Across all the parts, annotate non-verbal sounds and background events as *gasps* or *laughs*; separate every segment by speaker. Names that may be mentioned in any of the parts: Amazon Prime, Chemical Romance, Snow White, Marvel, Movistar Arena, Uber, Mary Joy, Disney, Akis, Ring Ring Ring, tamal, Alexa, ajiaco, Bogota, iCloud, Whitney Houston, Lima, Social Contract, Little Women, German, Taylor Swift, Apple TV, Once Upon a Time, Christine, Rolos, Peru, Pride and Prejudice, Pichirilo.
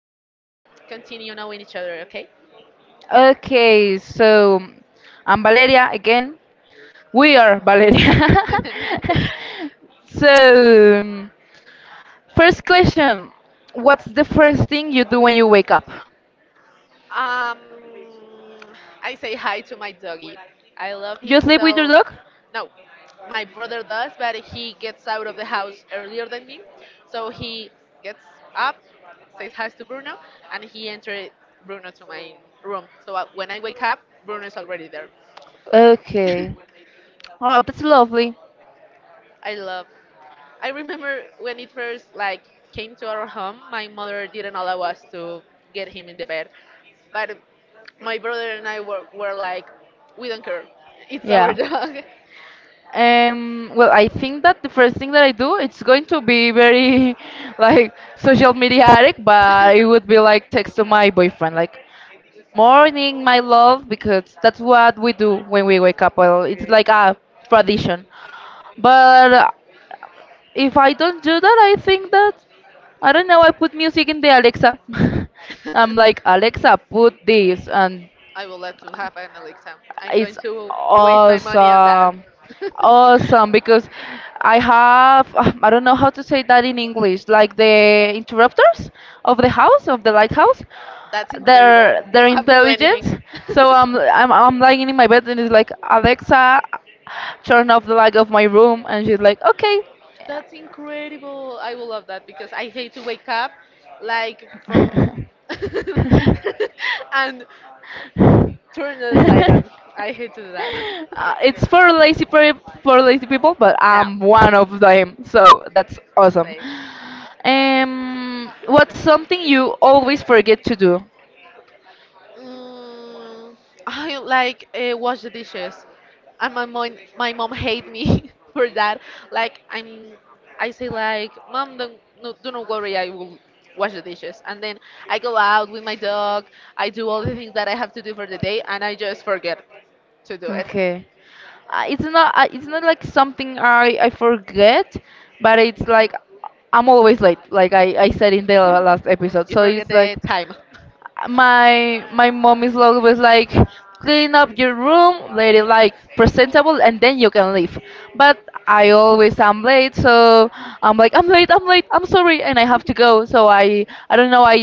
Speaker 1: to continue knowing each other, okay?
Speaker 2: Okay, so I'm Valeria again. We are Valeria.
Speaker 1: *laughs*
Speaker 2: *laughs* so, um, first question. What's the first thing you do when you wake up?
Speaker 1: um, I say hi to my doggy. I love
Speaker 2: You
Speaker 1: him,
Speaker 2: sleep with your
Speaker 1: so
Speaker 2: dog?
Speaker 1: no, my brother does, but he gets out of the house earlier than me, so he gets up, says hi to Bruno, and he enters Bruno to my room. So when I wake up, Bruno is already there.
Speaker 2: Okay.
Speaker 1: *laughs*
Speaker 2: Oh, that's lovely.
Speaker 1: I love. I remember when it first like came to our home, my mother didn't allow us to get him in the bed, but my brother and I were like, we don't care, it's our
Speaker 2: Yeah.
Speaker 1: dog.
Speaker 2: Well, I think that the first thing that I do, it's going to be very *laughs* like social mediatic, but it
Speaker 1: *laughs*
Speaker 2: would be like text to my boyfriend, like "Good morning, my love," because that's what we do when we wake up. Well, it's like a tradition. But if I don't do that, I think that I don't know. I put music in the Alexa. *laughs* I'm like
Speaker 1: *laughs*
Speaker 2: Alexa, put this, and
Speaker 1: I would love to have an Alexa. I'm going
Speaker 2: it's
Speaker 1: to waste my money on that.
Speaker 2: awesome.
Speaker 1: *laughs*
Speaker 2: Awesome because I have *sighs* I don't know how to say that in English, like the interrupters of the house, of the lighthouse.
Speaker 1: That's
Speaker 2: They're
Speaker 1: incredible. You
Speaker 2: they're
Speaker 1: don't have to do anything.
Speaker 2: intelligent.
Speaker 1: *laughs*
Speaker 2: So I'm lying in my bed and it's like Alexa, turn off the light of my room, and she's like,
Speaker 1: That's incredible. I will love that because I hate to wake up like from
Speaker 2: okay.
Speaker 1: *laughs* and turn the light on.
Speaker 2: *laughs*
Speaker 1: I hate to do that. *laughs*
Speaker 2: It's for lazy people, but
Speaker 1: Yeah.
Speaker 2: I'm one of them, so that's awesome.
Speaker 1: Same.
Speaker 2: What's something you always forget to do?
Speaker 1: Mm, I like wash the dishes, and my mom hate me *laughs* for that. Like I say like, mom, don't no, do not worry, I will wash the dishes. And then I go out with my dog. I do all the things that I have to do for the day, and I just forget to do it.
Speaker 2: Okay, it's not like something I forget, but it's like I'm always late, like I said in the last episode.
Speaker 1: You
Speaker 2: So
Speaker 1: forget
Speaker 2: it's like
Speaker 1: the time.
Speaker 2: my mom is always like, clean up your
Speaker 1: *laughs*
Speaker 2: room, let it like presentable, and then you can leave, but I always am late, so I'm like, I'm late, I'm late, I'm sorry, and I have to go. So I don't know, i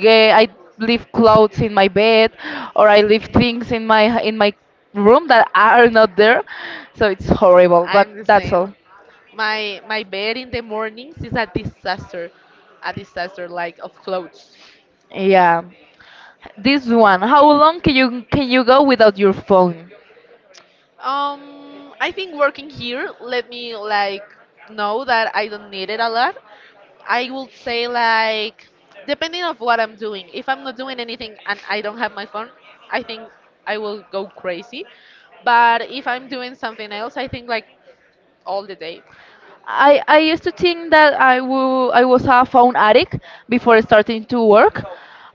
Speaker 2: get i leave clothes in my bed, or I leave things in my room that are not there. So it's horrible,
Speaker 1: I'm
Speaker 2: but
Speaker 1: the
Speaker 2: that's all.
Speaker 1: same. My bed in the mornings is a disaster like of clothes.
Speaker 2: Yeah. This one, how long can you go without your phone?
Speaker 1: I think working here let me like know that I don't need it a lot. I would say like depending of what I'm doing. If I'm not doing anything and I don't have my phone, I think I will go crazy. But if I'm doing something else, I think like all the day.
Speaker 2: I used to think that I I was a phone addict before starting to work,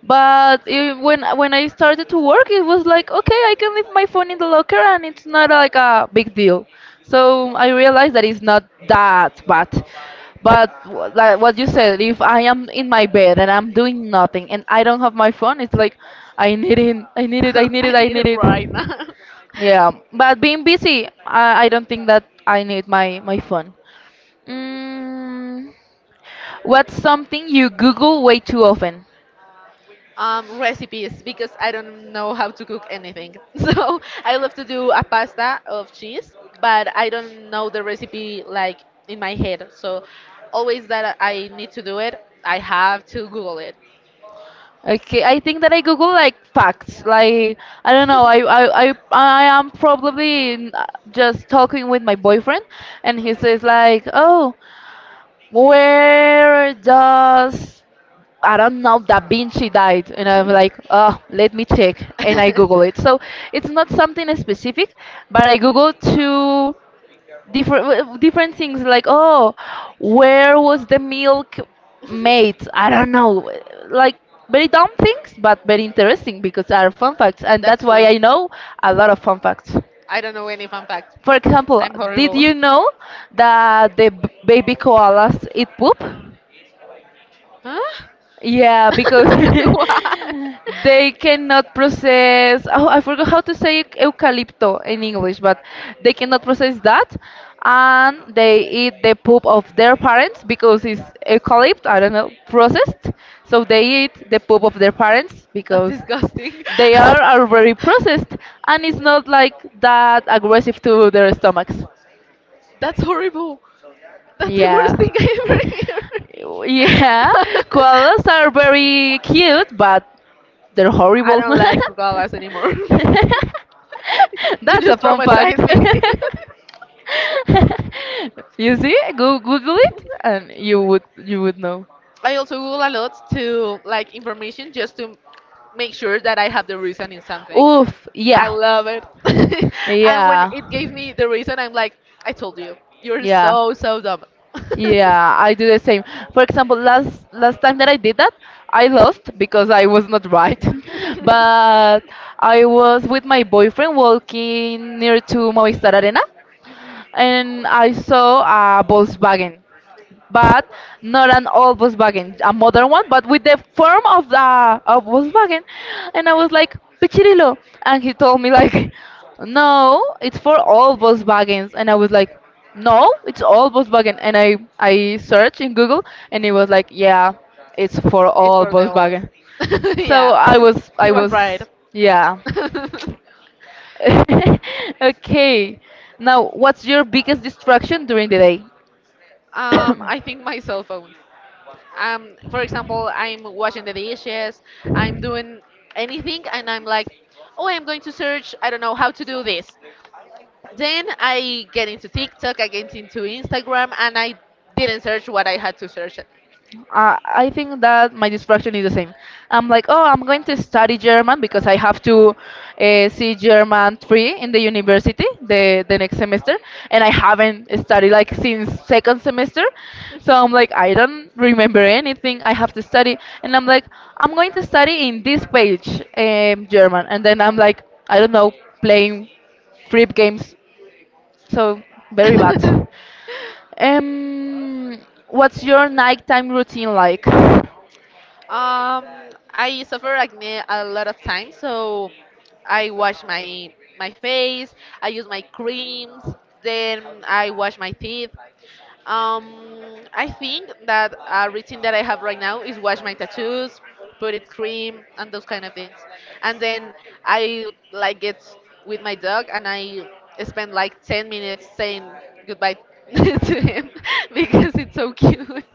Speaker 2: but it, when I started to work, it was like, okay, I can leave my phone in the locker and it's not like a big deal. So I realized that it's not that bad. But like what you said, if I am in my bed and I'm doing nothing and I don't have my phone, it's like I need it, I
Speaker 1: *laughs*
Speaker 2: need it, I need
Speaker 1: I
Speaker 2: it, I
Speaker 1: need
Speaker 2: need
Speaker 1: it
Speaker 2: it.
Speaker 1: right now. *laughs*
Speaker 2: Yeah, but being busy, I don't think that I need my phone. Mm, what's something you Google way too often?
Speaker 1: Recipes because I don't know how to cook anything. *laughs* So I love to do a pasta of cheese, but I don't know the recipe like in my head. So always that I need to do it, I have to Google it.
Speaker 2: Okay, I think that I Google like facts. Like I don't know, I am probably just talking with my boyfriend, and he says like, "Oh, where does I don't know Da Vinci died?" And I'm like, "Oh, let me check," and I Google it.
Speaker 1: *laughs*
Speaker 2: So it's not something specific, but I Google to different different things like, oh, where was the milk made, I don't know, like very dumb things but very interesting because are fun facts, and that's
Speaker 1: That's
Speaker 2: why
Speaker 1: true.
Speaker 2: I know a lot of fun facts.
Speaker 1: I don't know any fun fact.
Speaker 2: For example,
Speaker 1: I'm
Speaker 2: did
Speaker 1: horrible.
Speaker 2: you know that the baby koalas eat poop?
Speaker 1: Huh?
Speaker 2: Yeah, because
Speaker 1: *laughs*
Speaker 2: *laughs*
Speaker 1: What?
Speaker 2: they cannot process. Oh, I forgot how to say eucalypto in English, but they cannot process that, and they eat the poop of their parents because it's eucalypt, I don't know, processed. So they eat the poop of their parents
Speaker 1: That's
Speaker 2: because
Speaker 1: disgusting.
Speaker 2: they are already processed, and it's not like that
Speaker 1: *laughs*
Speaker 2: aggressive to their stomachs.
Speaker 1: That's horrible. That's the worst
Speaker 2: Yeah.
Speaker 1: thing I ever heard. *laughs*
Speaker 2: *laughs* Yeah, koalas are very cute, but they're
Speaker 1: I
Speaker 2: horrible.
Speaker 1: don't like koalas anymore. *laughs* You
Speaker 2: *laughs* That's a
Speaker 1: just
Speaker 2: fun fact.
Speaker 1: traumatized me. *laughs*
Speaker 2: *laughs* you see, go Google it, and you would know.
Speaker 1: I also Google a lot to like information just to make sure that I have the reason in something.
Speaker 2: Oof,
Speaker 1: I
Speaker 2: yeah,
Speaker 1: love it. *laughs* And when
Speaker 2: yeah,
Speaker 1: it gave me the reason, I'm like, I told you, you're
Speaker 2: yeah,
Speaker 1: so, so dumb.
Speaker 2: yeah. I do the same. For example, last time that I did that, I lost because I was not right. *laughs* but I was with my boyfriend walking near to Movistar Arena, and I saw a Volkswagen, but not an old Volkswagen, a modern one, but with the form of the of Volkswagen. And I was like, Pichirilo. And he told me like, *laughs* no, it's for all Volkswagens. And I was like, no, it's all Volkswagen. And I
Speaker 1: *laughs*
Speaker 2: searched in Google, and it was like, yeah, it's for
Speaker 1: It's
Speaker 2: all
Speaker 1: for the old.
Speaker 2: Volkswagen.
Speaker 1: *laughs*
Speaker 2: So
Speaker 1: Yeah, he was right.
Speaker 2: yeah.
Speaker 1: *laughs*
Speaker 2: *laughs* okay. Now, what's your biggest distraction during the day? *coughs*
Speaker 1: I think my cell phone. For example, I'm washing the dishes, I'm doing anything, and I'm like, oh, I'm going to search, I don't know how to do this. Then I get into TikTok, I get into Instagram, and I didn't search what I had to search.
Speaker 2: I think that my distraction is the same. I'm like, oh, I'm going to study German because I have to see German 3 in the university the next semester, and I haven't studied like since second semester. So I'm like, I don't remember anything. I have to study, and I'm like, I'm going to study in this page German, and then I'm like, I don't know, playing free games. So very bad. Um, what's your nighttime routine like?
Speaker 1: Um, I suffer acne a lot of times, so I wash my face. I use my creams. Then I wash my teeth. Um, I think that a routine that I have right now is wash my tattoos, put it cream, and those kind of things. And then I like get with my dog, and I spend like 10 minutes saying goodbye *laughs* to him *laughs* because it's so cute.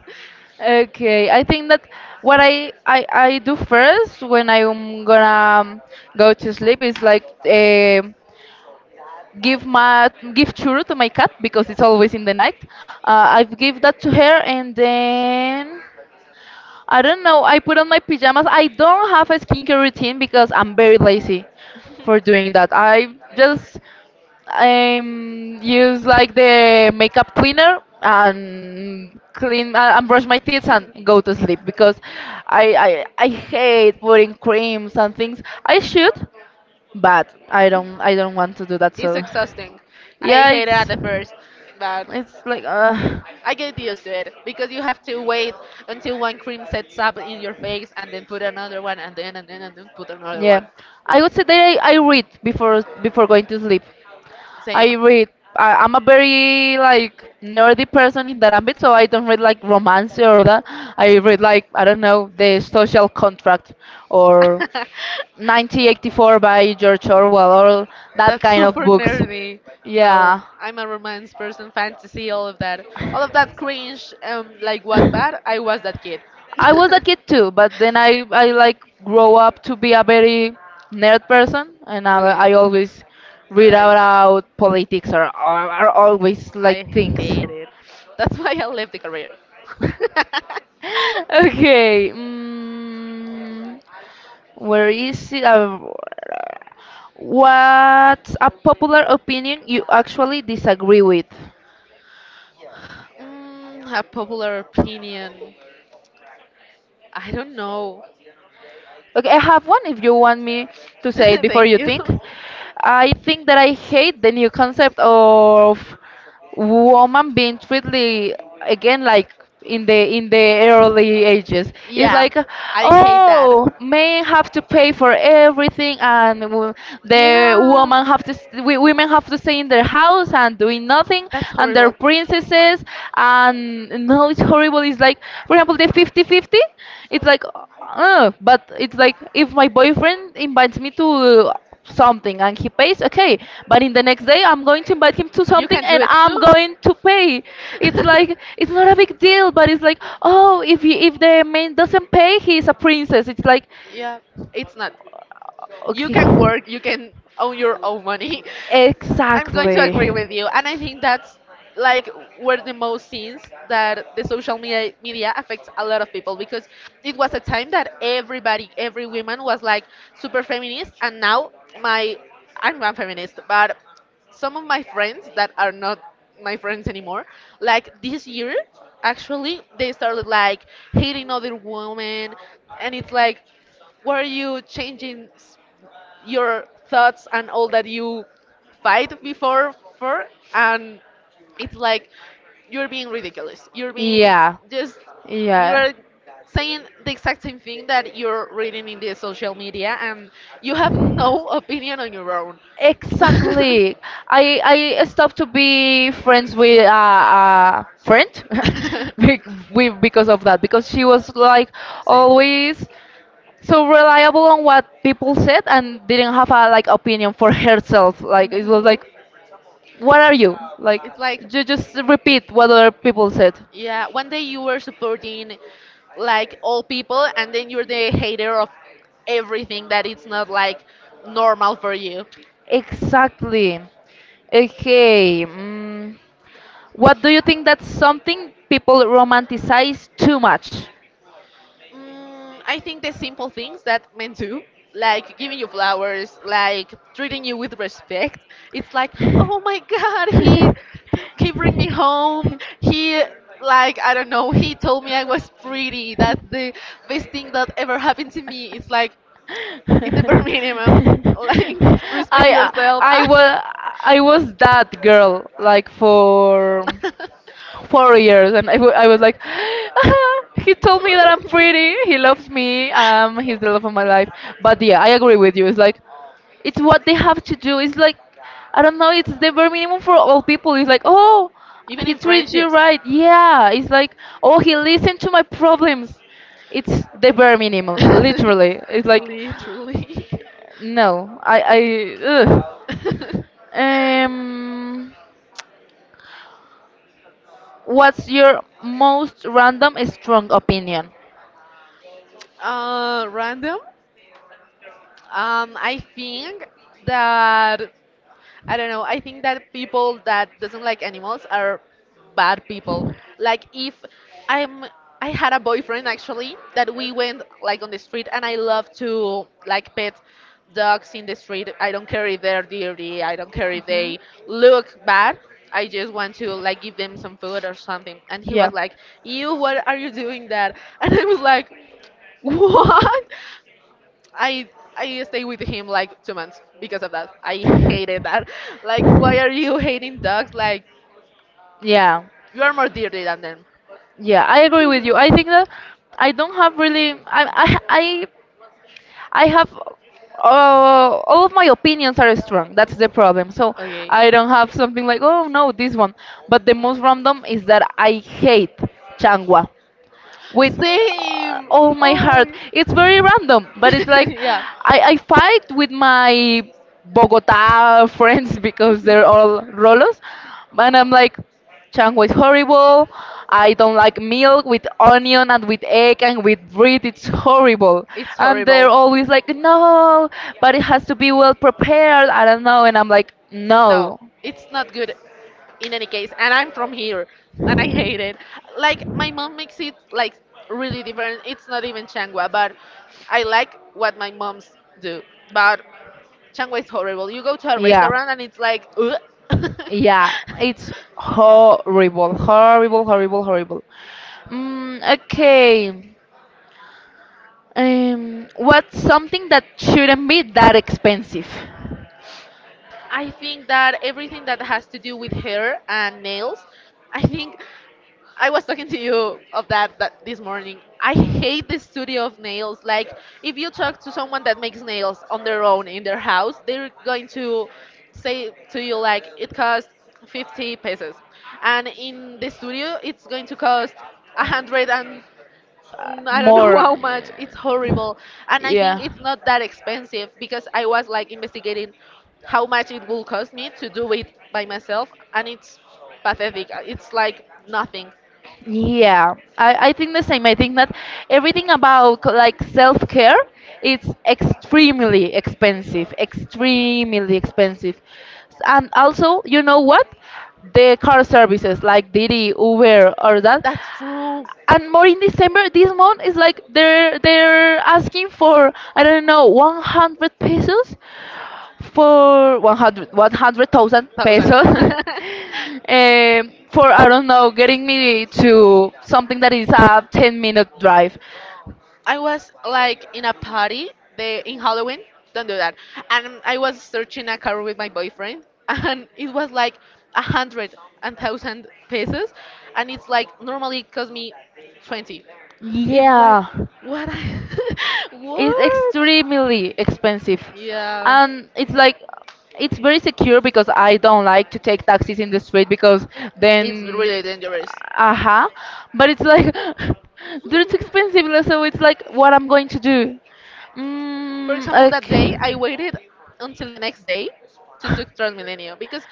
Speaker 2: Okay, I think that what I do first when I'm gonna go to sleep is like give my give churu to my cat because it's always in the night. I've give that to her and then I don't know. I put on my pajamas. I don't have a skincare routine because I'm very lazy for doing that. I just use like the makeup cleaner and clean and brush my teeth and go to sleep because I hate putting creams and things. I should, but I don't want to do that.
Speaker 1: It's
Speaker 2: So
Speaker 1: exhausting. I
Speaker 2: yeah,
Speaker 1: hate it at the first, but
Speaker 2: it's like
Speaker 1: I get used to it because you have to wait until one cream sets up in your face and then put another one and then and then put another
Speaker 2: yeah.
Speaker 1: one.
Speaker 2: I would say that I read before going to sleep.
Speaker 1: Same.
Speaker 2: I
Speaker 1: *laughs*
Speaker 2: read. I'm a very like nerdy person in that ambit, so I don't read like romance or that. I read like I don't know, the Social Contract or 1984 by George Orwell or that
Speaker 1: That's
Speaker 2: kind of
Speaker 1: super
Speaker 2: books.
Speaker 1: nerdy. No,
Speaker 2: Yeah,
Speaker 1: I'm a romance person, fantasy, all of that. All of that cringe, like
Speaker 2: *laughs*
Speaker 1: what
Speaker 2: I
Speaker 1: bad? I was that kid. *laughs*
Speaker 2: was a kid too, but then I like grow up to be a very nerd person, and
Speaker 1: Okay.
Speaker 2: I always
Speaker 1: Bye
Speaker 2: read
Speaker 1: bye.
Speaker 2: about politics or always like
Speaker 1: I
Speaker 2: things.
Speaker 1: hate it. That's why I left the career. *laughs*
Speaker 2: Okay. Mm, where is it? What's a popular opinion you actually disagree with?
Speaker 1: Mm, a popular opinion. I don't know.
Speaker 2: Okay, I have one if you want me to say it
Speaker 1: *laughs*
Speaker 2: before
Speaker 1: Thank
Speaker 2: you
Speaker 1: you.
Speaker 2: think. I think that I hate the new concept of woman being treated again like in the early ages. It's
Speaker 1: Yeah,
Speaker 2: like,
Speaker 1: I hate that.
Speaker 2: oh, men have to pay for everything, and the
Speaker 1: Yeah,
Speaker 2: woman have to we, women have to stay in their house and doing nothing,
Speaker 1: that's
Speaker 2: and their
Speaker 1: horrible.
Speaker 2: princesses, and no, it's horrible. It's like, for example, the 50-50. It's like but it's like if my boyfriend invites me to something and he pays, okay, but in the next day I'm going to invite him to
Speaker 1: You
Speaker 2: something
Speaker 1: can do
Speaker 2: and
Speaker 1: it
Speaker 2: I'm
Speaker 1: too.
Speaker 2: going to pay. It's like, it's not a big deal, but it's like, oh, if he, if the man doesn't pay, he's a princess. It's like,
Speaker 1: *laughs* Yeah, it's not. You
Speaker 2: okay,
Speaker 1: can work, you can own your own money. *laughs* I'm going to
Speaker 2: exactly,
Speaker 1: agree with you, and I think that's like were the most scenes that the social media affects a lot of people because it was a time that everybody, every woman was like super feminist, and now my I'm not feminist, but some of my friends that are not my friends anymore, like this year, actually they started like hating other women, and it's like, why are you changing s- your thoughts and all that you fight before for and it's like you're being ridiculous you're being
Speaker 2: yeah,
Speaker 1: just
Speaker 2: yeah.
Speaker 1: you're saying the exact same thing that you're reading in the social media and you have no opinion on your own. *laughs*
Speaker 2: Exactly. I I stopped to be friends with a friend *laughs* bec-
Speaker 1: *laughs*
Speaker 2: we because of that because she was like
Speaker 1: Same.
Speaker 2: always so reliable on what people said and didn't have a like opinion for herself. Like it was
Speaker 1: Mhm.
Speaker 2: like, what are you? Like
Speaker 1: It's like,
Speaker 2: you just repeat what other people said.
Speaker 1: yeah, one day you were supporting like all people, and then you're the hater of everything that it's not like normal for you.
Speaker 2: Exactly. Okay. Mm. What do you think that's something people romanticize too much?
Speaker 1: Mm, I think the simple things that men do, like giving you flowers, like treating you with respect, it's like, oh my *laughs* God, he
Speaker 2: *laughs*
Speaker 1: bring me home. He like I don't know. He told me I was pretty. That's the best thing that ever happened to me. It's like it's the bare minimum. *laughs* Like respect
Speaker 2: I
Speaker 1: yourself.
Speaker 2: I was I was that girl like for 4 years, and
Speaker 1: *laughs* *laughs* *laughs*
Speaker 2: I was like, *laughs* he told me that I'm pretty, he loves me, he's the love of my life. But yeah, I agree with you. It's like, it's what they have to do. It's like, I don't know, it's the bare minimum for all people. It's like, oh,
Speaker 1: Even
Speaker 2: he
Speaker 1: in
Speaker 2: treats you
Speaker 1: friendships.
Speaker 2: right. Yeah, it's like, oh, he listened to my problems. It's the bare minimum, literally. It's
Speaker 1: *laughs*
Speaker 2: like,
Speaker 1: Literally. *laughs*
Speaker 2: no, ugh. Um, what's your most random strong opinion?
Speaker 1: Random. I think that I don't know. I think that people that doesn't like animals are bad people. Like if I'm I had a boyfriend actually that we went like on the street and I love to like pet dogs in the street. I don't care if they're dirty. I don't care if
Speaker 2: Hmm.
Speaker 1: they look bad. I just want to like give them some food or something. And he
Speaker 2: Yeah.
Speaker 1: was like, "You, what are you doing that?" *laughs* And I was like, "What?" I I stayed with him like 2 months because of that. I hated
Speaker 2: *laughs*
Speaker 1: that. Like, why are you hating dogs? Like,
Speaker 2: Yeah.
Speaker 1: you are more dirty than them.
Speaker 2: Yeah, I agree with you. I think
Speaker 1: *laughs*
Speaker 2: that I don't have really. I have. All of my opinions are strong. That's the problem. So
Speaker 1: Okay.
Speaker 2: I don't have something like, oh no, this one. But the most random is that I hate Changwa with
Speaker 1: Same.
Speaker 2: all my
Speaker 1: Oh.
Speaker 2: heart. It's very random, but it's like
Speaker 1: *laughs* Yeah.
Speaker 2: I fight with my Bogota friends *laughs* because they're all Rolos, and I'm like,
Speaker 1: *laughs*
Speaker 2: Chango is horrible. I don't like milk with onion and with egg and with bread. It's horrible.
Speaker 1: It's
Speaker 2: And they're
Speaker 1: horrible.
Speaker 2: always like, no, but it has to be well prepared. I don't know. And I'm like,
Speaker 1: No,
Speaker 2: no.
Speaker 1: it's not good in any case. And I'm from here and I hate it. Like, my mom makes it like really different. It's not even Changwa, but I like what my moms do. But Changwa is horrible. You go to a
Speaker 2: Yeah.
Speaker 1: restaurant and it's like, ugh. *laughs*
Speaker 2: Yeah, it's horrible, horrible, horrible, horrible. Mm, okay. What's something that shouldn't be that expensive?
Speaker 1: I think that everything that has to do with hair and nails, I think I was talking to you of that, that this morning. I hate the studio of nails. Like, if you talk to someone that makes nails on their own in their house, they're going to say to you like it costs 50 pesos, and in the studio it's going to cost a hundred and mm, I don't know *laughs*
Speaker 2: More. Uh,
Speaker 1: how much. It's horrible, and I think
Speaker 2: yeah.
Speaker 1: it's not that expensive because I was like investigating how much it will cost me to do it by myself, and it's pathetic. It's like nothing.
Speaker 2: Yeah. I think the same. I think that everything about like self-care, it's extremely expensive, extremely expensive. And also, you know what? The car services like Didi, Uber, or that,
Speaker 1: That's true.
Speaker 2: and more in December this month is like they're asking for I don't know, 100 pesos, for 100 100,000
Speaker 1: Thousand.
Speaker 2: pesos, *laughs* for I don't know, getting me to something that is a
Speaker 1: *laughs*
Speaker 2: 10-minute minute drive.
Speaker 1: *laughs* I was like in a party the in Halloween. Don't do that. And I was searching a car with my boyfriend, *laughs* and it was like a hundred and thousand pesos, and it's like normally it cost me 20. It's like
Speaker 2: Yeah.
Speaker 1: what? I, *laughs*
Speaker 2: It's
Speaker 1: what?
Speaker 2: extremely expensive.
Speaker 1: Yeah,
Speaker 2: And it's like it's very secure because I don't like to take taxis in the street because
Speaker 1: it's
Speaker 2: then
Speaker 1: really dangerous.
Speaker 2: aha. But it's like *laughs* they're too expensive so it's like what I'm going to do.
Speaker 1: For
Speaker 2: Mm,
Speaker 1: example, that day I
Speaker 2: okay.
Speaker 1: waited until the next day to take Transmilenio because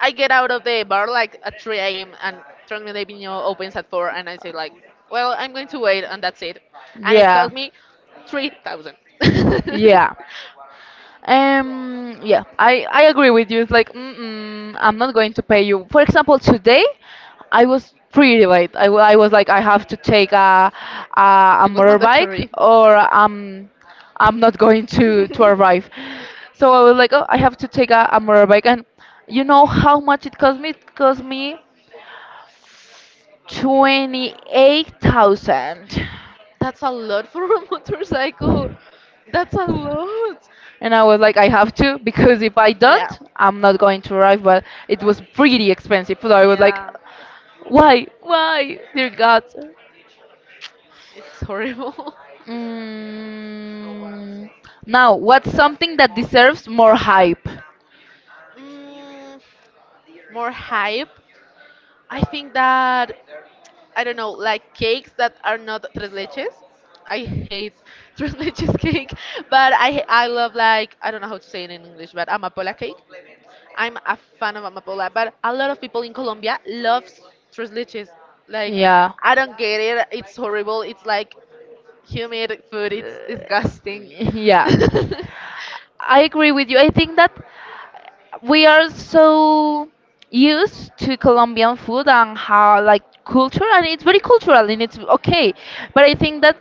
Speaker 1: I get out of the bar like at 3 a.m. and Transmilenio opens at 4 and I say like, well, I'm going to wait and that's it. And it
Speaker 2: Yeah.
Speaker 1: cost me 3,000. *laughs*
Speaker 2: Yeah. Yeah, I agree with you. It's like, mm-mm, I'm not going to pay you. For example, today I was pretty late. I was like, I have to take a
Speaker 1: It was
Speaker 2: motorbike
Speaker 1: mandatory.
Speaker 2: I'm not going to arrive. So I was like, oh, I have to take a motorbike. And you
Speaker 1: *laughs*
Speaker 2: know how much it cost me? It cost me 28,000.
Speaker 1: That's a lot for a *laughs* motorcycle. That's a lot.
Speaker 2: And I was like, I have to because if I
Speaker 1: Yeah.
Speaker 2: don't, I'm not going to arrive. But it was pretty expensive, so I was like,
Speaker 1: Yeah.
Speaker 2: why, dear God.
Speaker 1: It's horrible. *laughs*
Speaker 2: Mm, now, what's something that deserves more hype?
Speaker 1: Mm, more hype. I think that I don't know, like cakes that are not tres leches. I hate *laughs* tres leches cake, but I love like I don't know how to say it in English, but amapola cake. I'm a fan of amapola, but a lot of people in Colombia love tres leches. Like,
Speaker 2: Yeah.
Speaker 1: I don't get it. It's horrible. It's like humid food. It's
Speaker 2: Uh,
Speaker 1: disgusting.
Speaker 2: *laughs* yeah, I agree with you. I think that we are so used to Colombian food and how like culture and it's very cultural and it's okay. But I think that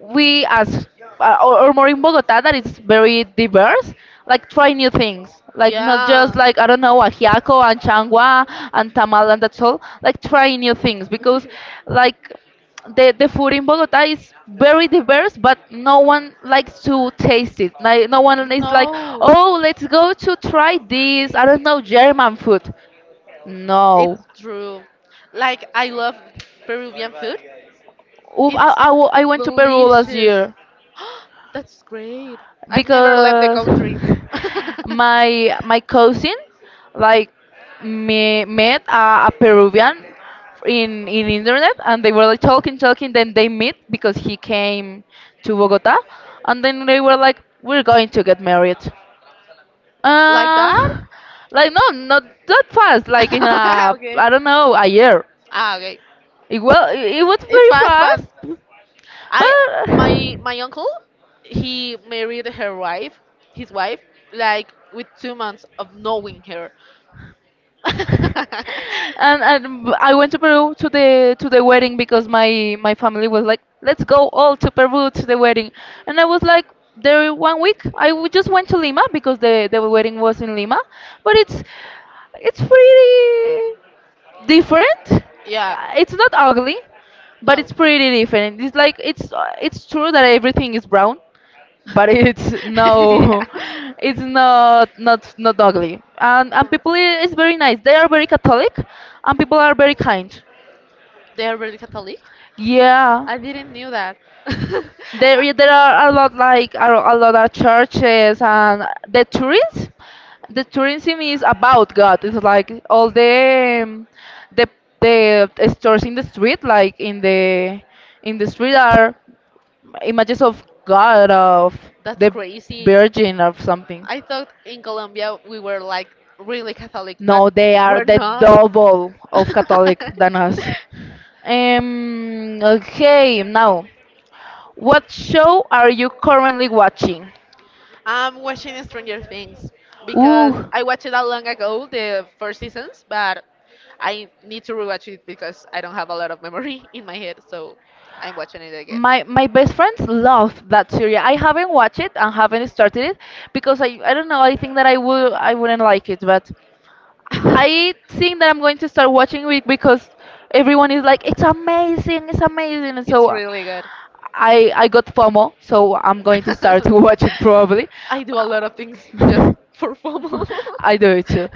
Speaker 2: we as or more in Bogota that it's very diverse. Like try
Speaker 1: *laughs*
Speaker 2: new things, like not just
Speaker 1: Yeah.
Speaker 2: like I don't know
Speaker 1: *laughs*
Speaker 2: ajiaco and changua and tamal and that's all. Like try new things because like the food in Bogota is very diverse, but no one likes to taste it. Like no one is like,
Speaker 1: No,
Speaker 2: oh, let's go to try this. I don't know German food. No.
Speaker 1: it's true. Like I love Peruvian food.
Speaker 2: Oof,
Speaker 1: It's
Speaker 2: I went to Peru last
Speaker 1: delicious.
Speaker 2: year.
Speaker 1: *gasps* That's great. I've never left the
Speaker 2: Because
Speaker 1: country.
Speaker 2: *laughs* my cousin like
Speaker 1: *laughs*
Speaker 2: me, met a Peruvian in internet and they were like talking then they met because he came to Bogota and then they were like we're going to get married
Speaker 1: Like that?
Speaker 2: uh like no not that
Speaker 1: *laughs*
Speaker 2: fast like in a
Speaker 1: Okay.
Speaker 2: I don't know a year
Speaker 1: Ah, okay.
Speaker 2: it was
Speaker 1: It's
Speaker 2: very
Speaker 1: fast, but
Speaker 2: fast
Speaker 1: I my
Speaker 2: but
Speaker 1: my uncle he married her wife, his wife, like with 2 months of knowing her.
Speaker 2: *laughs* I went to Peru to the wedding because my family was like, let's go all to Peru to the wedding, and I
Speaker 1: *laughs*
Speaker 2: was like, there 1 week just went to Lima because the wedding was in Lima, but it's pretty different.
Speaker 1: Yeah.
Speaker 2: It's not ugly, but
Speaker 1: No.
Speaker 2: it's pretty different. It's like it's true that everything is brown, but
Speaker 1: *laughs*
Speaker 2: it's no
Speaker 1: Yeah.
Speaker 2: *laughs* it's
Speaker 1: No.
Speaker 2: not ugly and people is very nice they are very catholic and people are very kind.
Speaker 1: They are really Catholic?
Speaker 2: Yeah,
Speaker 1: I didn't knew that. *laughs*
Speaker 2: there there are a lot like a lot of churches and the tourism, the tourism is about god, it's like all the the stores in the street, like in the street
Speaker 1: Uh,
Speaker 2: are images of god of
Speaker 1: that's
Speaker 2: the
Speaker 1: crazy.
Speaker 2: virgin or something.
Speaker 1: I thought in Colombia we were like really Catholic,
Speaker 2: No,
Speaker 1: but
Speaker 2: they are
Speaker 1: we're
Speaker 2: the
Speaker 1: not. *laughs*
Speaker 2: double of Catholic than us. Okay, now, what show are you currently watching?
Speaker 1: I'm watching Stranger Things because
Speaker 2: Ooh,
Speaker 1: I watched it a long ago, the first seasons, but I need to rewatch it because I don't have a lot of memory *laughs* in my head, so I'm watching it again.
Speaker 2: my best friends love that series. I haven't watched it and haven't started it because I don't know. I think that I wouldn't like it, but I think
Speaker 1: *laughs*
Speaker 2: that I'm going to start watching it because everyone is like, it's amazing, it's amazing.
Speaker 1: It's
Speaker 2: So
Speaker 1: really good.
Speaker 2: I got FOMO, so I'm going to start *laughs* to watch
Speaker 1: *laughs*
Speaker 2: it probably.
Speaker 1: I do a lot of things just
Speaker 2: Uh,
Speaker 1: for FOMO.
Speaker 2: *laughs* I do it too.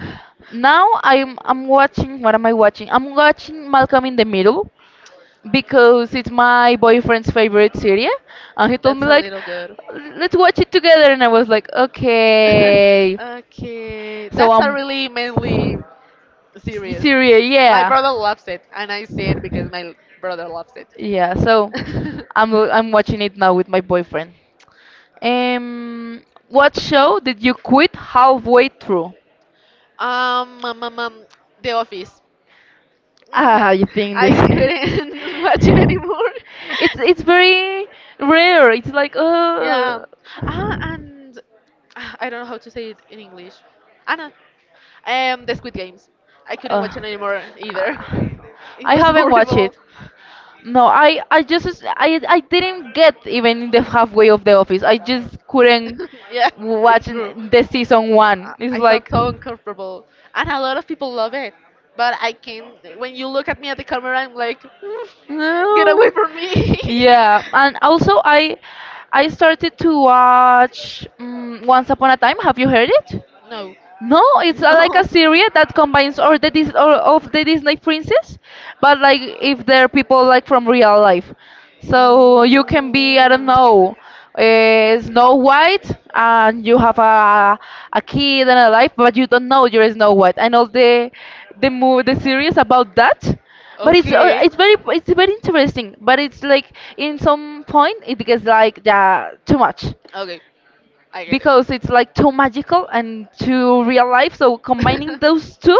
Speaker 2: Now I'm watching. What am I watching? I'm watching Malcolm in the Middle because it's my
Speaker 1: *laughs*
Speaker 2: boyfriend's favorite series, and he told
Speaker 1: That's
Speaker 2: me
Speaker 1: a
Speaker 2: like,
Speaker 1: little good.
Speaker 2: let's watch it together, and I was like,
Speaker 1: *laughs*
Speaker 2: okay.
Speaker 1: Okay,
Speaker 2: So
Speaker 1: that's a
Speaker 2: I'm
Speaker 1: really mainly serious.
Speaker 2: Syria,
Speaker 1: My
Speaker 2: yeah,
Speaker 1: brother loves it, and I say it because my brother loves it.
Speaker 2: yeah. So
Speaker 1: *laughs*
Speaker 2: I'm watching it now with my boyfriend. Um, what show did you quit halfway through?
Speaker 1: um, um, um, um, The Office. Mm,
Speaker 2: I think
Speaker 1: I
Speaker 2: this.
Speaker 1: couldn't *laughs* watch it
Speaker 2: *laughs*
Speaker 1: anymore.
Speaker 2: It's
Speaker 1: *laughs*
Speaker 2: very rare. It's like
Speaker 1: Yeah. Ah, and I don't know how to say it in English. Anna, the Squid Games. I couldn't
Speaker 2: uh,
Speaker 1: watch it anymore either. *laughs*
Speaker 2: uh,
Speaker 1: It
Speaker 2: I
Speaker 1: was
Speaker 2: haven't watched
Speaker 1: horrible.
Speaker 2: it. No, I just I didn't get even in the
Speaker 1: *laughs*
Speaker 2: halfway of the office. I just couldn't
Speaker 1: Yeah,
Speaker 2: watch
Speaker 1: it's true.
Speaker 2: the season one. It's
Speaker 1: I felt
Speaker 2: like
Speaker 1: so uncomfortable, and a lot of people love it. But I can't. When you look at me at the camera, I'm like, "Mm, get
Speaker 2: no.
Speaker 1: away from me."
Speaker 2: Yeah, and also I started to watch Once
Speaker 1: *laughs*
Speaker 2: Upon a Time. Have you heard it?
Speaker 1: No. *laughs*
Speaker 2: No, it's like a series that combines all the Dis all of the Disney princess, but like if they're people like from real life. So you can be, I don't know, Snow White, and you have a kid and a life, but you don't know you're Snow White. I know the mo the series about that, but it's
Speaker 1: Okay.
Speaker 2: it's very interesting. But it's like in some point it gets like yeah too much
Speaker 1: Okay, I get it.
Speaker 2: because it's like too magical and too real life. So combining those two,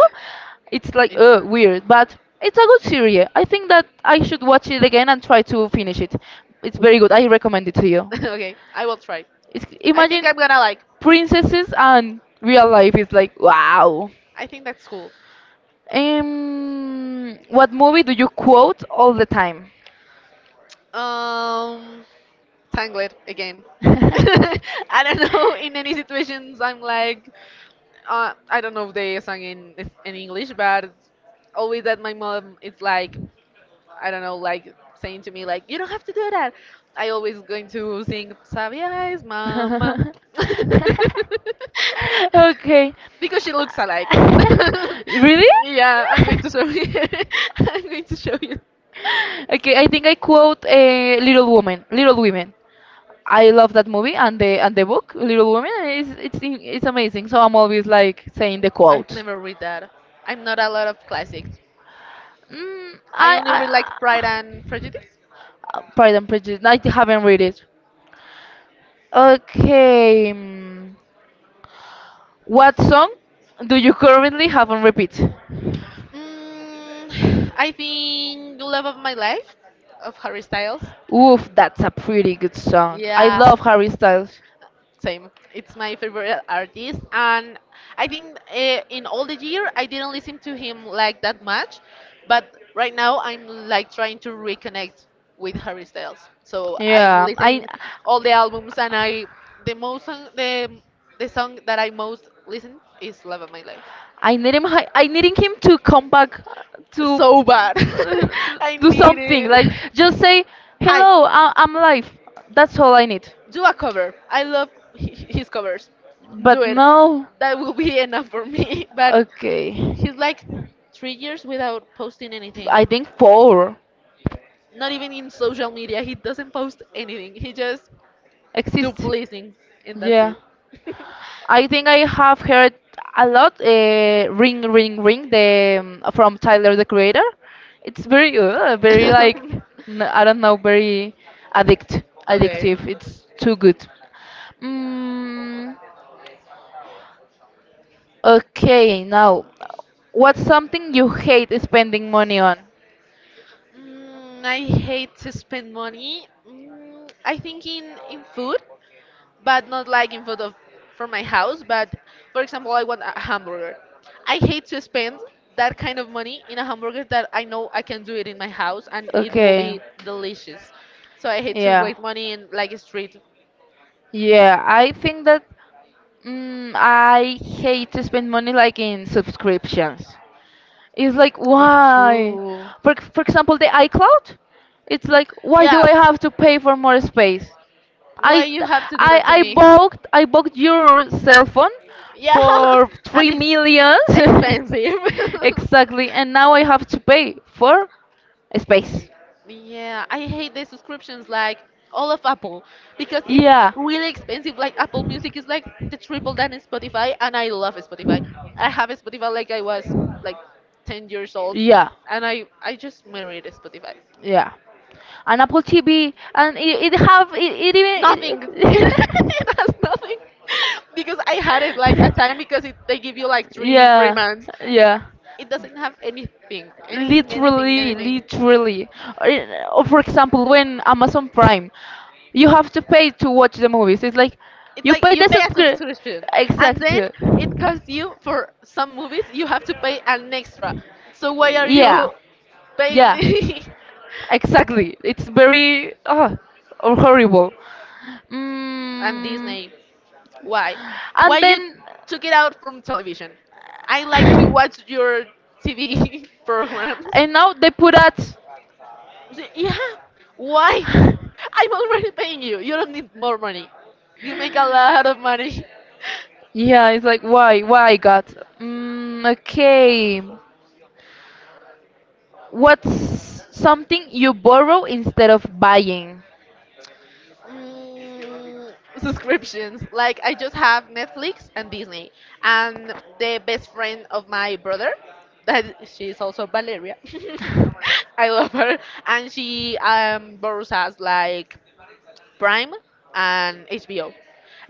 Speaker 2: it's like
Speaker 1: It's not.
Speaker 2: weird, but it's a good series. I think that I should watch it again and try to finish it. It's very good. I recommend it to you.
Speaker 1: *laughs* Okay, I will try.
Speaker 2: It's,
Speaker 1: I think
Speaker 2: imagine
Speaker 1: I'm gonna like,
Speaker 2: princesses and real life is like wow.
Speaker 1: I think that's cool.
Speaker 2: What movie do you quote all the time?
Speaker 1: Um, Tangled again. *laughs* I don't know. In any situations, I'm like, I don't know if
Speaker 2: *laughs*
Speaker 1: they sang in English, but always that my mom is like, I don't know, like saying to me like, you don't have to do that. I always going to sing Sabia's mama.
Speaker 2: *laughs*
Speaker 1: *laughs*
Speaker 2: okay.
Speaker 1: Because she looks alike. *laughs*
Speaker 2: *laughs* really?
Speaker 1: Yeah, I'm going
Speaker 2: *laughs*
Speaker 1: to show you. *laughs* I'm going to show you.
Speaker 2: okay, I think I quote a Little Woman, Little Women. I love that movie and the book, Little Women. It's amazing. So I'm always like saying the
Speaker 1: I've
Speaker 2: quote.
Speaker 1: never read that. I'm not a lot of classics.
Speaker 2: Mm,
Speaker 1: I
Speaker 2: I,
Speaker 1: only read like Pride
Speaker 2: I,
Speaker 1: and Prejudice.
Speaker 2: Pride and Prejudice. I haven't read it. Okay. What song do you currently have on repeat?
Speaker 1: Mm, *sighs* I think Love of My Life of Harry Styles.
Speaker 2: Oof, that's a pretty good song. I
Speaker 1: Yeah.
Speaker 2: love Harry Styles.
Speaker 1: Same. It's my favorite artist, and I think in all the year I didn't listen to him like that much, but right now I'm like trying to reconnect with Harry Styles. So I'm
Speaker 2: Yeah,
Speaker 1: listening all the albums, and I the most song, the song that I most listen is "Love of My Life."
Speaker 2: I need him. I needing him to come back to
Speaker 1: So bad. *laughs* I
Speaker 2: *laughs* do
Speaker 1: need
Speaker 2: something. Like
Speaker 1: it.
Speaker 2: just say
Speaker 1: Hi.
Speaker 2: hello. I'm live. That's all I need.
Speaker 1: Do a cover. I love his covers. Do
Speaker 2: But
Speaker 1: it.
Speaker 2: no.
Speaker 1: That will be *laughs* enough for me. *laughs* But
Speaker 2: Okay.
Speaker 1: he's like 3 years without posting anything.
Speaker 2: I think four.
Speaker 1: Not even in social media. He doesn't post anything. He just do
Speaker 2: Exist.
Speaker 1: pleasing, and that's
Speaker 2: Yeah.
Speaker 1: it. *laughs*
Speaker 2: I think I have heard a lot Ring Ring Ring the from Tyler the Creator. It's very like I don't know very addict
Speaker 1: Okay.
Speaker 2: addictive. It's too good. Mm, okay, now what's something you hate spending money on?
Speaker 1: Mm, I hate to spend money. Mm, I think in food, but not like in front of from my house. But for example, I want a hamburger. I hate to spend that kind of money in a hamburger that I know I can do it in my house and it will be
Speaker 2: Okay.
Speaker 1: delicious. So I hate to
Speaker 2: Yeah.
Speaker 1: waste money in like a street.
Speaker 2: Yeah, I think that mm, I hate to spend money like in subscriptions. It's like
Speaker 1: That's
Speaker 2: why?
Speaker 1: true.
Speaker 2: For example, the iCloud, it's like why do
Speaker 1: Yeah.
Speaker 2: I have to pay for more space?
Speaker 1: Why
Speaker 2: I
Speaker 1: you have to do
Speaker 2: I
Speaker 1: that to
Speaker 2: I
Speaker 1: me?
Speaker 2: bought I bought your cell phone
Speaker 1: Yeah,
Speaker 2: for
Speaker 1: *laughs* and
Speaker 2: three
Speaker 1: it's
Speaker 2: millions
Speaker 1: expensive.
Speaker 2: *laughs*
Speaker 1: *laughs*
Speaker 2: exactly, and now I have to pay for space.
Speaker 1: Yeah, I hate the subscriptions like all of Apple because it's
Speaker 2: Yeah,
Speaker 1: really expensive. Like Apple Music is like the triple than in Spotify, and I love Spotify. I have Spotify like I was like 10 years old,
Speaker 2: yeah,
Speaker 1: and I just married Spotify.
Speaker 2: yeah. An Apple TV, and it have it, it even. It,
Speaker 1: Nothing. *laughs*
Speaker 2: it
Speaker 1: It has nothing because I had it like a time
Speaker 2: *laughs*
Speaker 1: because it, they give you like three three
Speaker 2: yeah,
Speaker 1: months.
Speaker 2: yeah.
Speaker 1: It doesn't have anything, anything, anything, anything.
Speaker 2: Literally. Or for example when amazon prime you have to pay to watch the movies it's like
Speaker 1: It's
Speaker 2: you
Speaker 1: like
Speaker 2: pay
Speaker 1: you
Speaker 2: the
Speaker 1: pay a
Speaker 2: subscription
Speaker 1: subscription, and
Speaker 2: exact
Speaker 1: then it costs you for some movies. You have to pay an extra. So why are
Speaker 2: yeah
Speaker 1: you paying
Speaker 2: yeah
Speaker 1: me? *laughs*
Speaker 2: exactly it's very oh, or horrible.
Speaker 1: And
Speaker 2: Mm,
Speaker 1: Disney, why? Why
Speaker 2: and
Speaker 1: you
Speaker 2: then
Speaker 1: took it out from television? I like to watch
Speaker 2: *sighs*
Speaker 1: your TV *laughs* programs.
Speaker 2: and now they put at
Speaker 1: So, yeah. Why?
Speaker 2: *sighs*
Speaker 1: I'm already paying you. You don't need more money. You make a lot of money. *laughs*
Speaker 2: *laughs* yeah it's like why god. Mm, okay, what's something you borrow instead of buying?
Speaker 1: Mm, subscriptions. Like I just have Netflix and Disney, and the best friend of my brother, that she's also Valeria. *laughs* I love her, and she borrows us like Prime and HBO,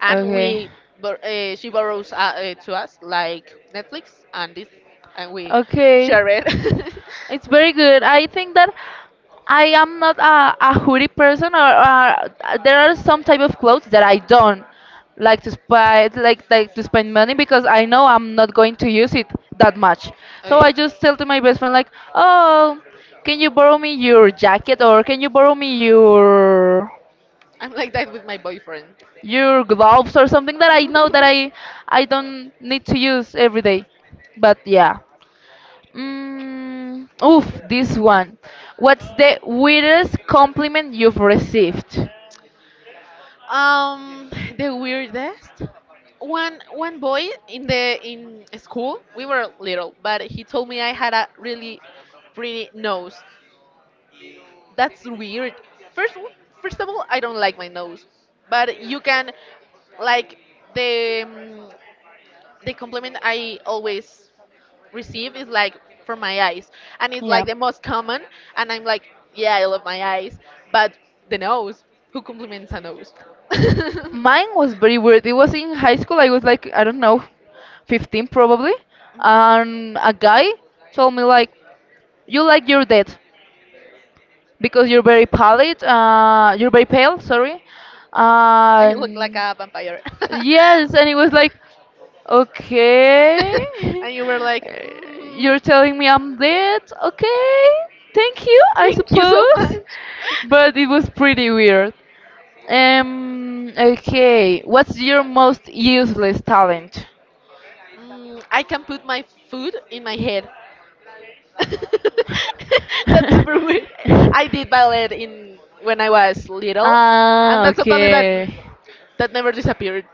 Speaker 1: and
Speaker 2: Okay.
Speaker 1: we she borrows to us like Netflix and this, and we
Speaker 2: Okay.
Speaker 1: share it. *laughs*
Speaker 2: It's very good. I think that I am not a hoodie person, or there are some type of clothes that I don't like to spend, like to spend money because I know I'm not going to use it that much. So
Speaker 1: Okay,
Speaker 2: I just tell to my best friend like, oh, can you borrow me your jacket or can you borrow me
Speaker 1: I'm like that with my boyfriend.
Speaker 2: your gloves or something that I know that I don't need to use every day. But yeah. Mm, oof, this one. What's the weirdest compliment you've received?
Speaker 1: Um, the weirdest. One boy in the in school, we were little, but he told me I had a really pretty nose. That's weird. First w- First of all, I don't like my nose, but you can like the um, the compliment I always receive is like for my eyes, and it's like the most common, and I'm like, yeah, I love my eyes, but the nose. Who compliments a nose?
Speaker 2: Mine was very
Speaker 1: *laughs*
Speaker 2: weird. It was in high school. I was like, I don't know, 15 probably.
Speaker 1: Mhm.
Speaker 2: And a guy told me like, you like your dad because you're very pallid. You're very pale. Sorry.
Speaker 1: And you look like
Speaker 2: And
Speaker 1: a vampire. *laughs* Yes,
Speaker 2: yes, and it was like,
Speaker 1: *laughs*
Speaker 2: okay,
Speaker 1: and you were like,
Speaker 2: *laughs*
Speaker 1: and mm,
Speaker 2: you're telling me I'm dead. Okay, thank you. I
Speaker 1: thank you so
Speaker 2: suppose,
Speaker 1: much. *laughs*
Speaker 2: but it was pretty weird. Okay. What's your most useless talent?
Speaker 1: Mm, I can put my food in my head. *laughs* That's super weird.
Speaker 2: *laughs*
Speaker 1: I did ballet in when I was little, and
Speaker 2: ah,
Speaker 1: that's totally that
Speaker 2: okay.
Speaker 1: that never disappeared.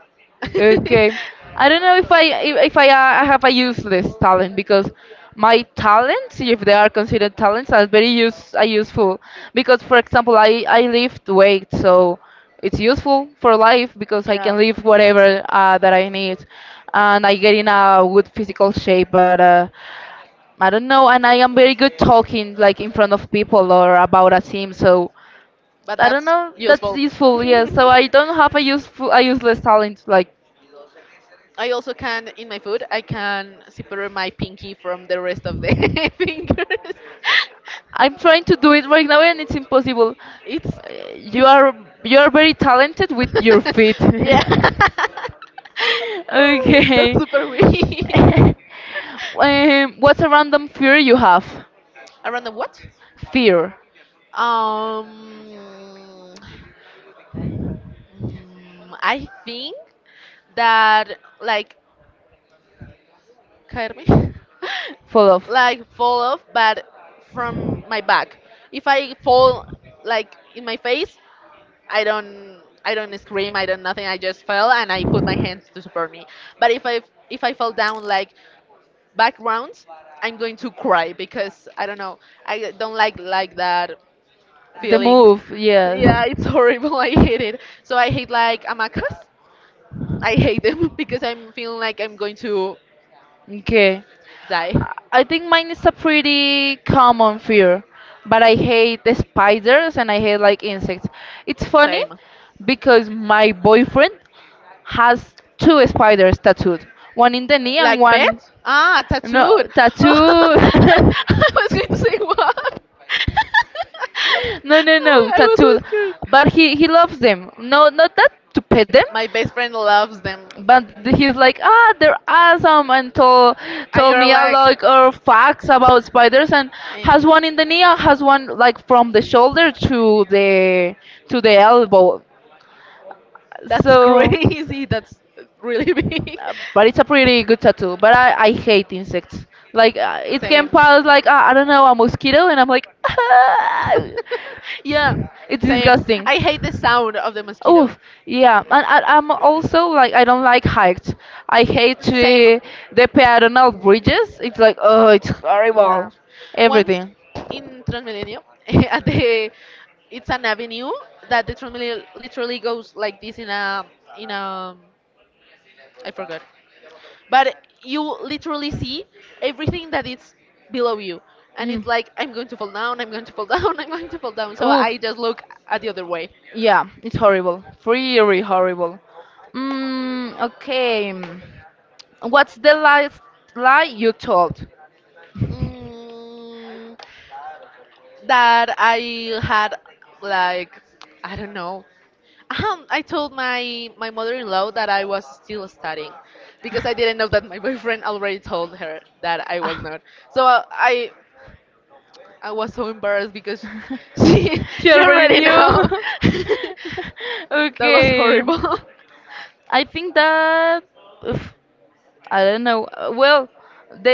Speaker 2: Okay. I don't know if I have a useless talent because my talents, if they are considered talents, are very use are useful because for example, I lift weight, so it's useful for life because I can lift whatever that I need, and I get in a good physical shape. But I don't know, and I am very good talking like in front of people or about a
Speaker 1: *laughs*
Speaker 2: team.
Speaker 1: Yeah,
Speaker 2: So
Speaker 1: but
Speaker 2: I don't
Speaker 1: that's
Speaker 2: know. That's
Speaker 1: useful. *laughs*
Speaker 2: useful, yeah. So I don't have a useless talent. Like
Speaker 1: I also can in my food I can separate my pinky from the rest of the *laughs* fingers. *laughs*
Speaker 2: I'm trying to do it right now, and it's impossible.
Speaker 1: it's
Speaker 2: You
Speaker 1: it's
Speaker 2: are very talented with your feet.
Speaker 1: *laughs* yeah.
Speaker 2: *laughs*
Speaker 1: *laughs* That's
Speaker 2: okay.
Speaker 1: super weird. *laughs*
Speaker 2: *laughs* What's a random fear you have?
Speaker 1: Around the what?
Speaker 2: Fear,
Speaker 1: Um Mm, I think that like Carmi, *laughs*
Speaker 2: full of.
Speaker 1: like fall off, but from my back. If I fall like in my face, I don't scream. I don't nothing. I just fell and I put my hands to support me. But if I fall down like backgrounds, I'm going to cry because I don't know. I don't like that
Speaker 2: The
Speaker 1: feeling. *laughs*
Speaker 2: move, yes.
Speaker 1: Yeah, it's horrible. *laughs* I hate it. So I hate like amacas. I hate them *laughs* because I'm feeling like I'm going to
Speaker 2: Okay.
Speaker 1: die.
Speaker 2: I think mine is a pretty common fear, but I hate the spiders and I hate like insects. It's funny
Speaker 1: Same.
Speaker 2: because my boyfriend has two spiders tattooed, one in the knee and
Speaker 1: Like
Speaker 2: one
Speaker 1: pets? Ah,
Speaker 2: no
Speaker 1: tattooed. *laughs* I
Speaker 2: tattooed. *laughs*
Speaker 1: was going to say what? *laughs*
Speaker 2: No, no,
Speaker 1: Oh, I was so
Speaker 2: tattooed.
Speaker 1: scared.
Speaker 2: But he loves them. No, not that to pet them,
Speaker 1: My best friend loves them.
Speaker 2: but he's like, ah, they're awesome, and
Speaker 1: And
Speaker 2: told
Speaker 1: you're
Speaker 2: me a
Speaker 1: like,
Speaker 2: lot of facts about spiders, and
Speaker 1: eh.
Speaker 2: has one in the knee, and has one like from the shoulder to the elbow.
Speaker 1: That's
Speaker 2: So,
Speaker 1: crazy. That's really big.
Speaker 2: but it's a pretty good tattoo. But I hate insects. Like it can
Speaker 1: Same.
Speaker 2: pass like I don't know a mosquito, and I'm like, *laughs*
Speaker 1: *laughs* Yeah,
Speaker 2: it's
Speaker 1: same.
Speaker 2: disgusting.
Speaker 1: I hate the sound of the mosquito.
Speaker 2: Oh, yeah, and I'm also like I don't like heights. I hate
Speaker 1: Same.
Speaker 2: the peatonal bridges. It's like oh, it's
Speaker 1: Yeah.
Speaker 2: horrible.
Speaker 1: Once
Speaker 2: Everything.
Speaker 1: in Transmilenio, *laughs* at the it's an avenue that the Transmilenio literally goes like this in a I forgot. But you literally see everything that is below you. And
Speaker 2: Mm.
Speaker 1: it's like I'm going to fall down, I'm going to fall down, *laughs* I'm going to fall down. So
Speaker 2: Oof.
Speaker 1: I just look at the other way.
Speaker 2: Yeah, it's horrible. Really horrible. Mm, okay. What's the last lie you told?
Speaker 1: Mm, that I had like I don't know. I told my my mother-in-law that I was still studying because I didn't know that my *laughs* boyfriend already told her that I was
Speaker 2: Ah,
Speaker 1: not. So I was so embarrassed because *laughs*
Speaker 2: *laughs* she
Speaker 1: she
Speaker 2: already
Speaker 1: already
Speaker 2: knew.
Speaker 1: know. *laughs*
Speaker 2: *laughs*
Speaker 1: That was
Speaker 2: okay.
Speaker 1: horrible.
Speaker 2: I think that. Oof. I don't know. Well,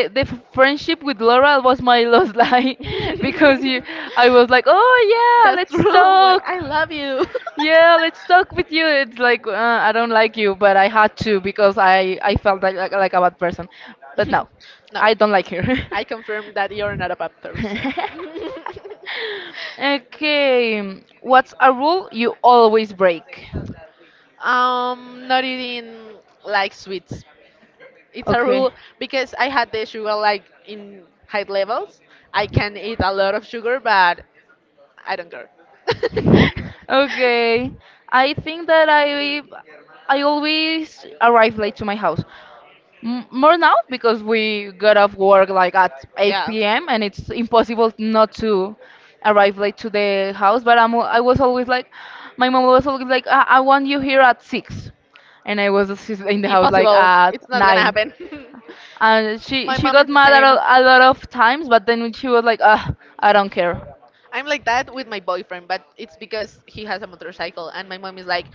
Speaker 1: *laughs*
Speaker 2: friendship with
Speaker 1: *laughs*
Speaker 2: Laura was my lost *laughs* life because you, I was like, oh yeah,
Speaker 1: That's
Speaker 2: let's
Speaker 1: true. Like
Speaker 2: talk.
Speaker 1: I love you. *laughs*
Speaker 2: Yeah, let's talk with you. It's like I don't like you, but I had to because I felt like a bad person. But no,
Speaker 1: *laughs* No,
Speaker 2: I don't like her.
Speaker 1: I confirm that you're not a bad person. *laughs*
Speaker 2: *laughs* okay, what's a rule you always break?
Speaker 1: Not eating like sweets. It's a
Speaker 2: Okay.
Speaker 1: rule because I had the sugar like in high levels. I can eat a lot of sugar, but I don't care.
Speaker 2: Okay. I think that I always arrive late to my house. More now because we
Speaker 1: *laughs*
Speaker 2: got off work like at
Speaker 1: Yeah.
Speaker 2: 8 p.m. and it's impossible not to arrive late to the house. But I was always like, my mom was always like, I want you here at 6. And I was *laughs* in the house like at
Speaker 1: It's not gonna
Speaker 2: 9.
Speaker 1: happen. *laughs*
Speaker 2: And
Speaker 1: My
Speaker 2: she
Speaker 1: mom
Speaker 2: got
Speaker 1: is the
Speaker 2: mad at
Speaker 1: same.
Speaker 2: a lot of times, but then she was like, ah, I don't care
Speaker 1: I'm like that with my boyfriend, but it's because he has a motorcycle, and my mom is like,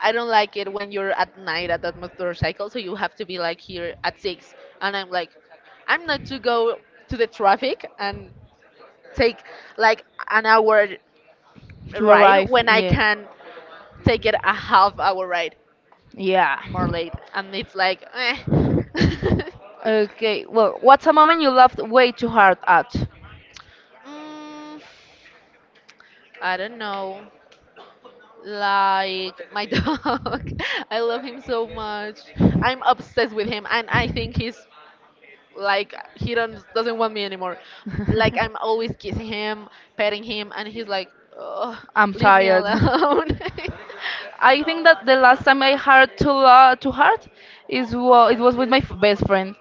Speaker 1: I don't like it when you're at night at that motorcycle, so you have to be like here at six. And I'm like, I'm not to go to the traffic and take like an hour
Speaker 2: to
Speaker 1: ride
Speaker 2: arrive.
Speaker 1: when I
Speaker 2: Yeah.
Speaker 1: can take it a half hour ride
Speaker 2: Yeah.
Speaker 1: more late. And it's like, eh. *laughs*
Speaker 2: Okay, well, what's a moment you laughed way too hard at?
Speaker 1: Mm, I don't know. Like my *laughs* dog. I love him so much. I'm obsessed with him and I think he's like he don't doesn't want me anymore. Like I'm
Speaker 2: *laughs*
Speaker 1: always kissing him, petting him and he's like, "Ugh,
Speaker 2: I'm
Speaker 1: leave me
Speaker 2: tired.
Speaker 1: alone." *laughs*
Speaker 2: *laughs* I think that the last time I hurt too hard is it was with my best friend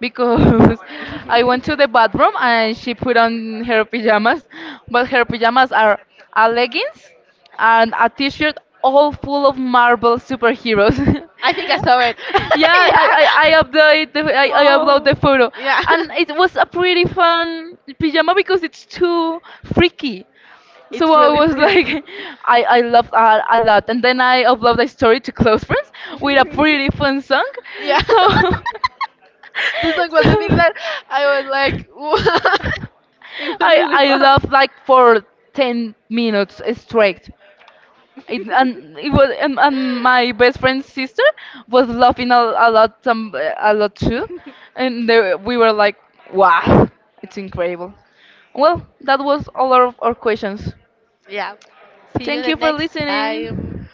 Speaker 2: because *laughs* I went to the bathroom and she put on her pajamas, but her pajamas are a leggings and a t-shirt all full of Marvel superheroes.
Speaker 1: I think I saw it.
Speaker 2: *laughs*
Speaker 1: *laughs*
Speaker 2: yeah,
Speaker 1: Yeah.
Speaker 2: I upload
Speaker 1: Oh.
Speaker 2: the photo,
Speaker 1: Yeah.
Speaker 2: and it was a pretty fun pajama because it's too
Speaker 1: *laughs*
Speaker 2: freaky. So
Speaker 1: It's
Speaker 2: I
Speaker 1: really
Speaker 2: was like,
Speaker 1: freaky.
Speaker 2: *laughs* I loved a lot. And then I uploaded a story to Close Friends with a pretty fun song.
Speaker 1: *laughs* Yeah. *laughs*
Speaker 2: So, *laughs*
Speaker 1: This one was the thing
Speaker 2: so
Speaker 1: that I was like, *laughs* what? It was really
Speaker 2: I
Speaker 1: fun.
Speaker 2: loved like for 10 minutes straight. It,
Speaker 1: *laughs*
Speaker 2: and it was and my best friend's sister was laughing a lot some a lot too and they, we were like wow it's incredible. Well, that was all of our questions.
Speaker 1: Yeah. See you
Speaker 2: Thank
Speaker 1: the
Speaker 2: you for
Speaker 1: next time.
Speaker 2: listening.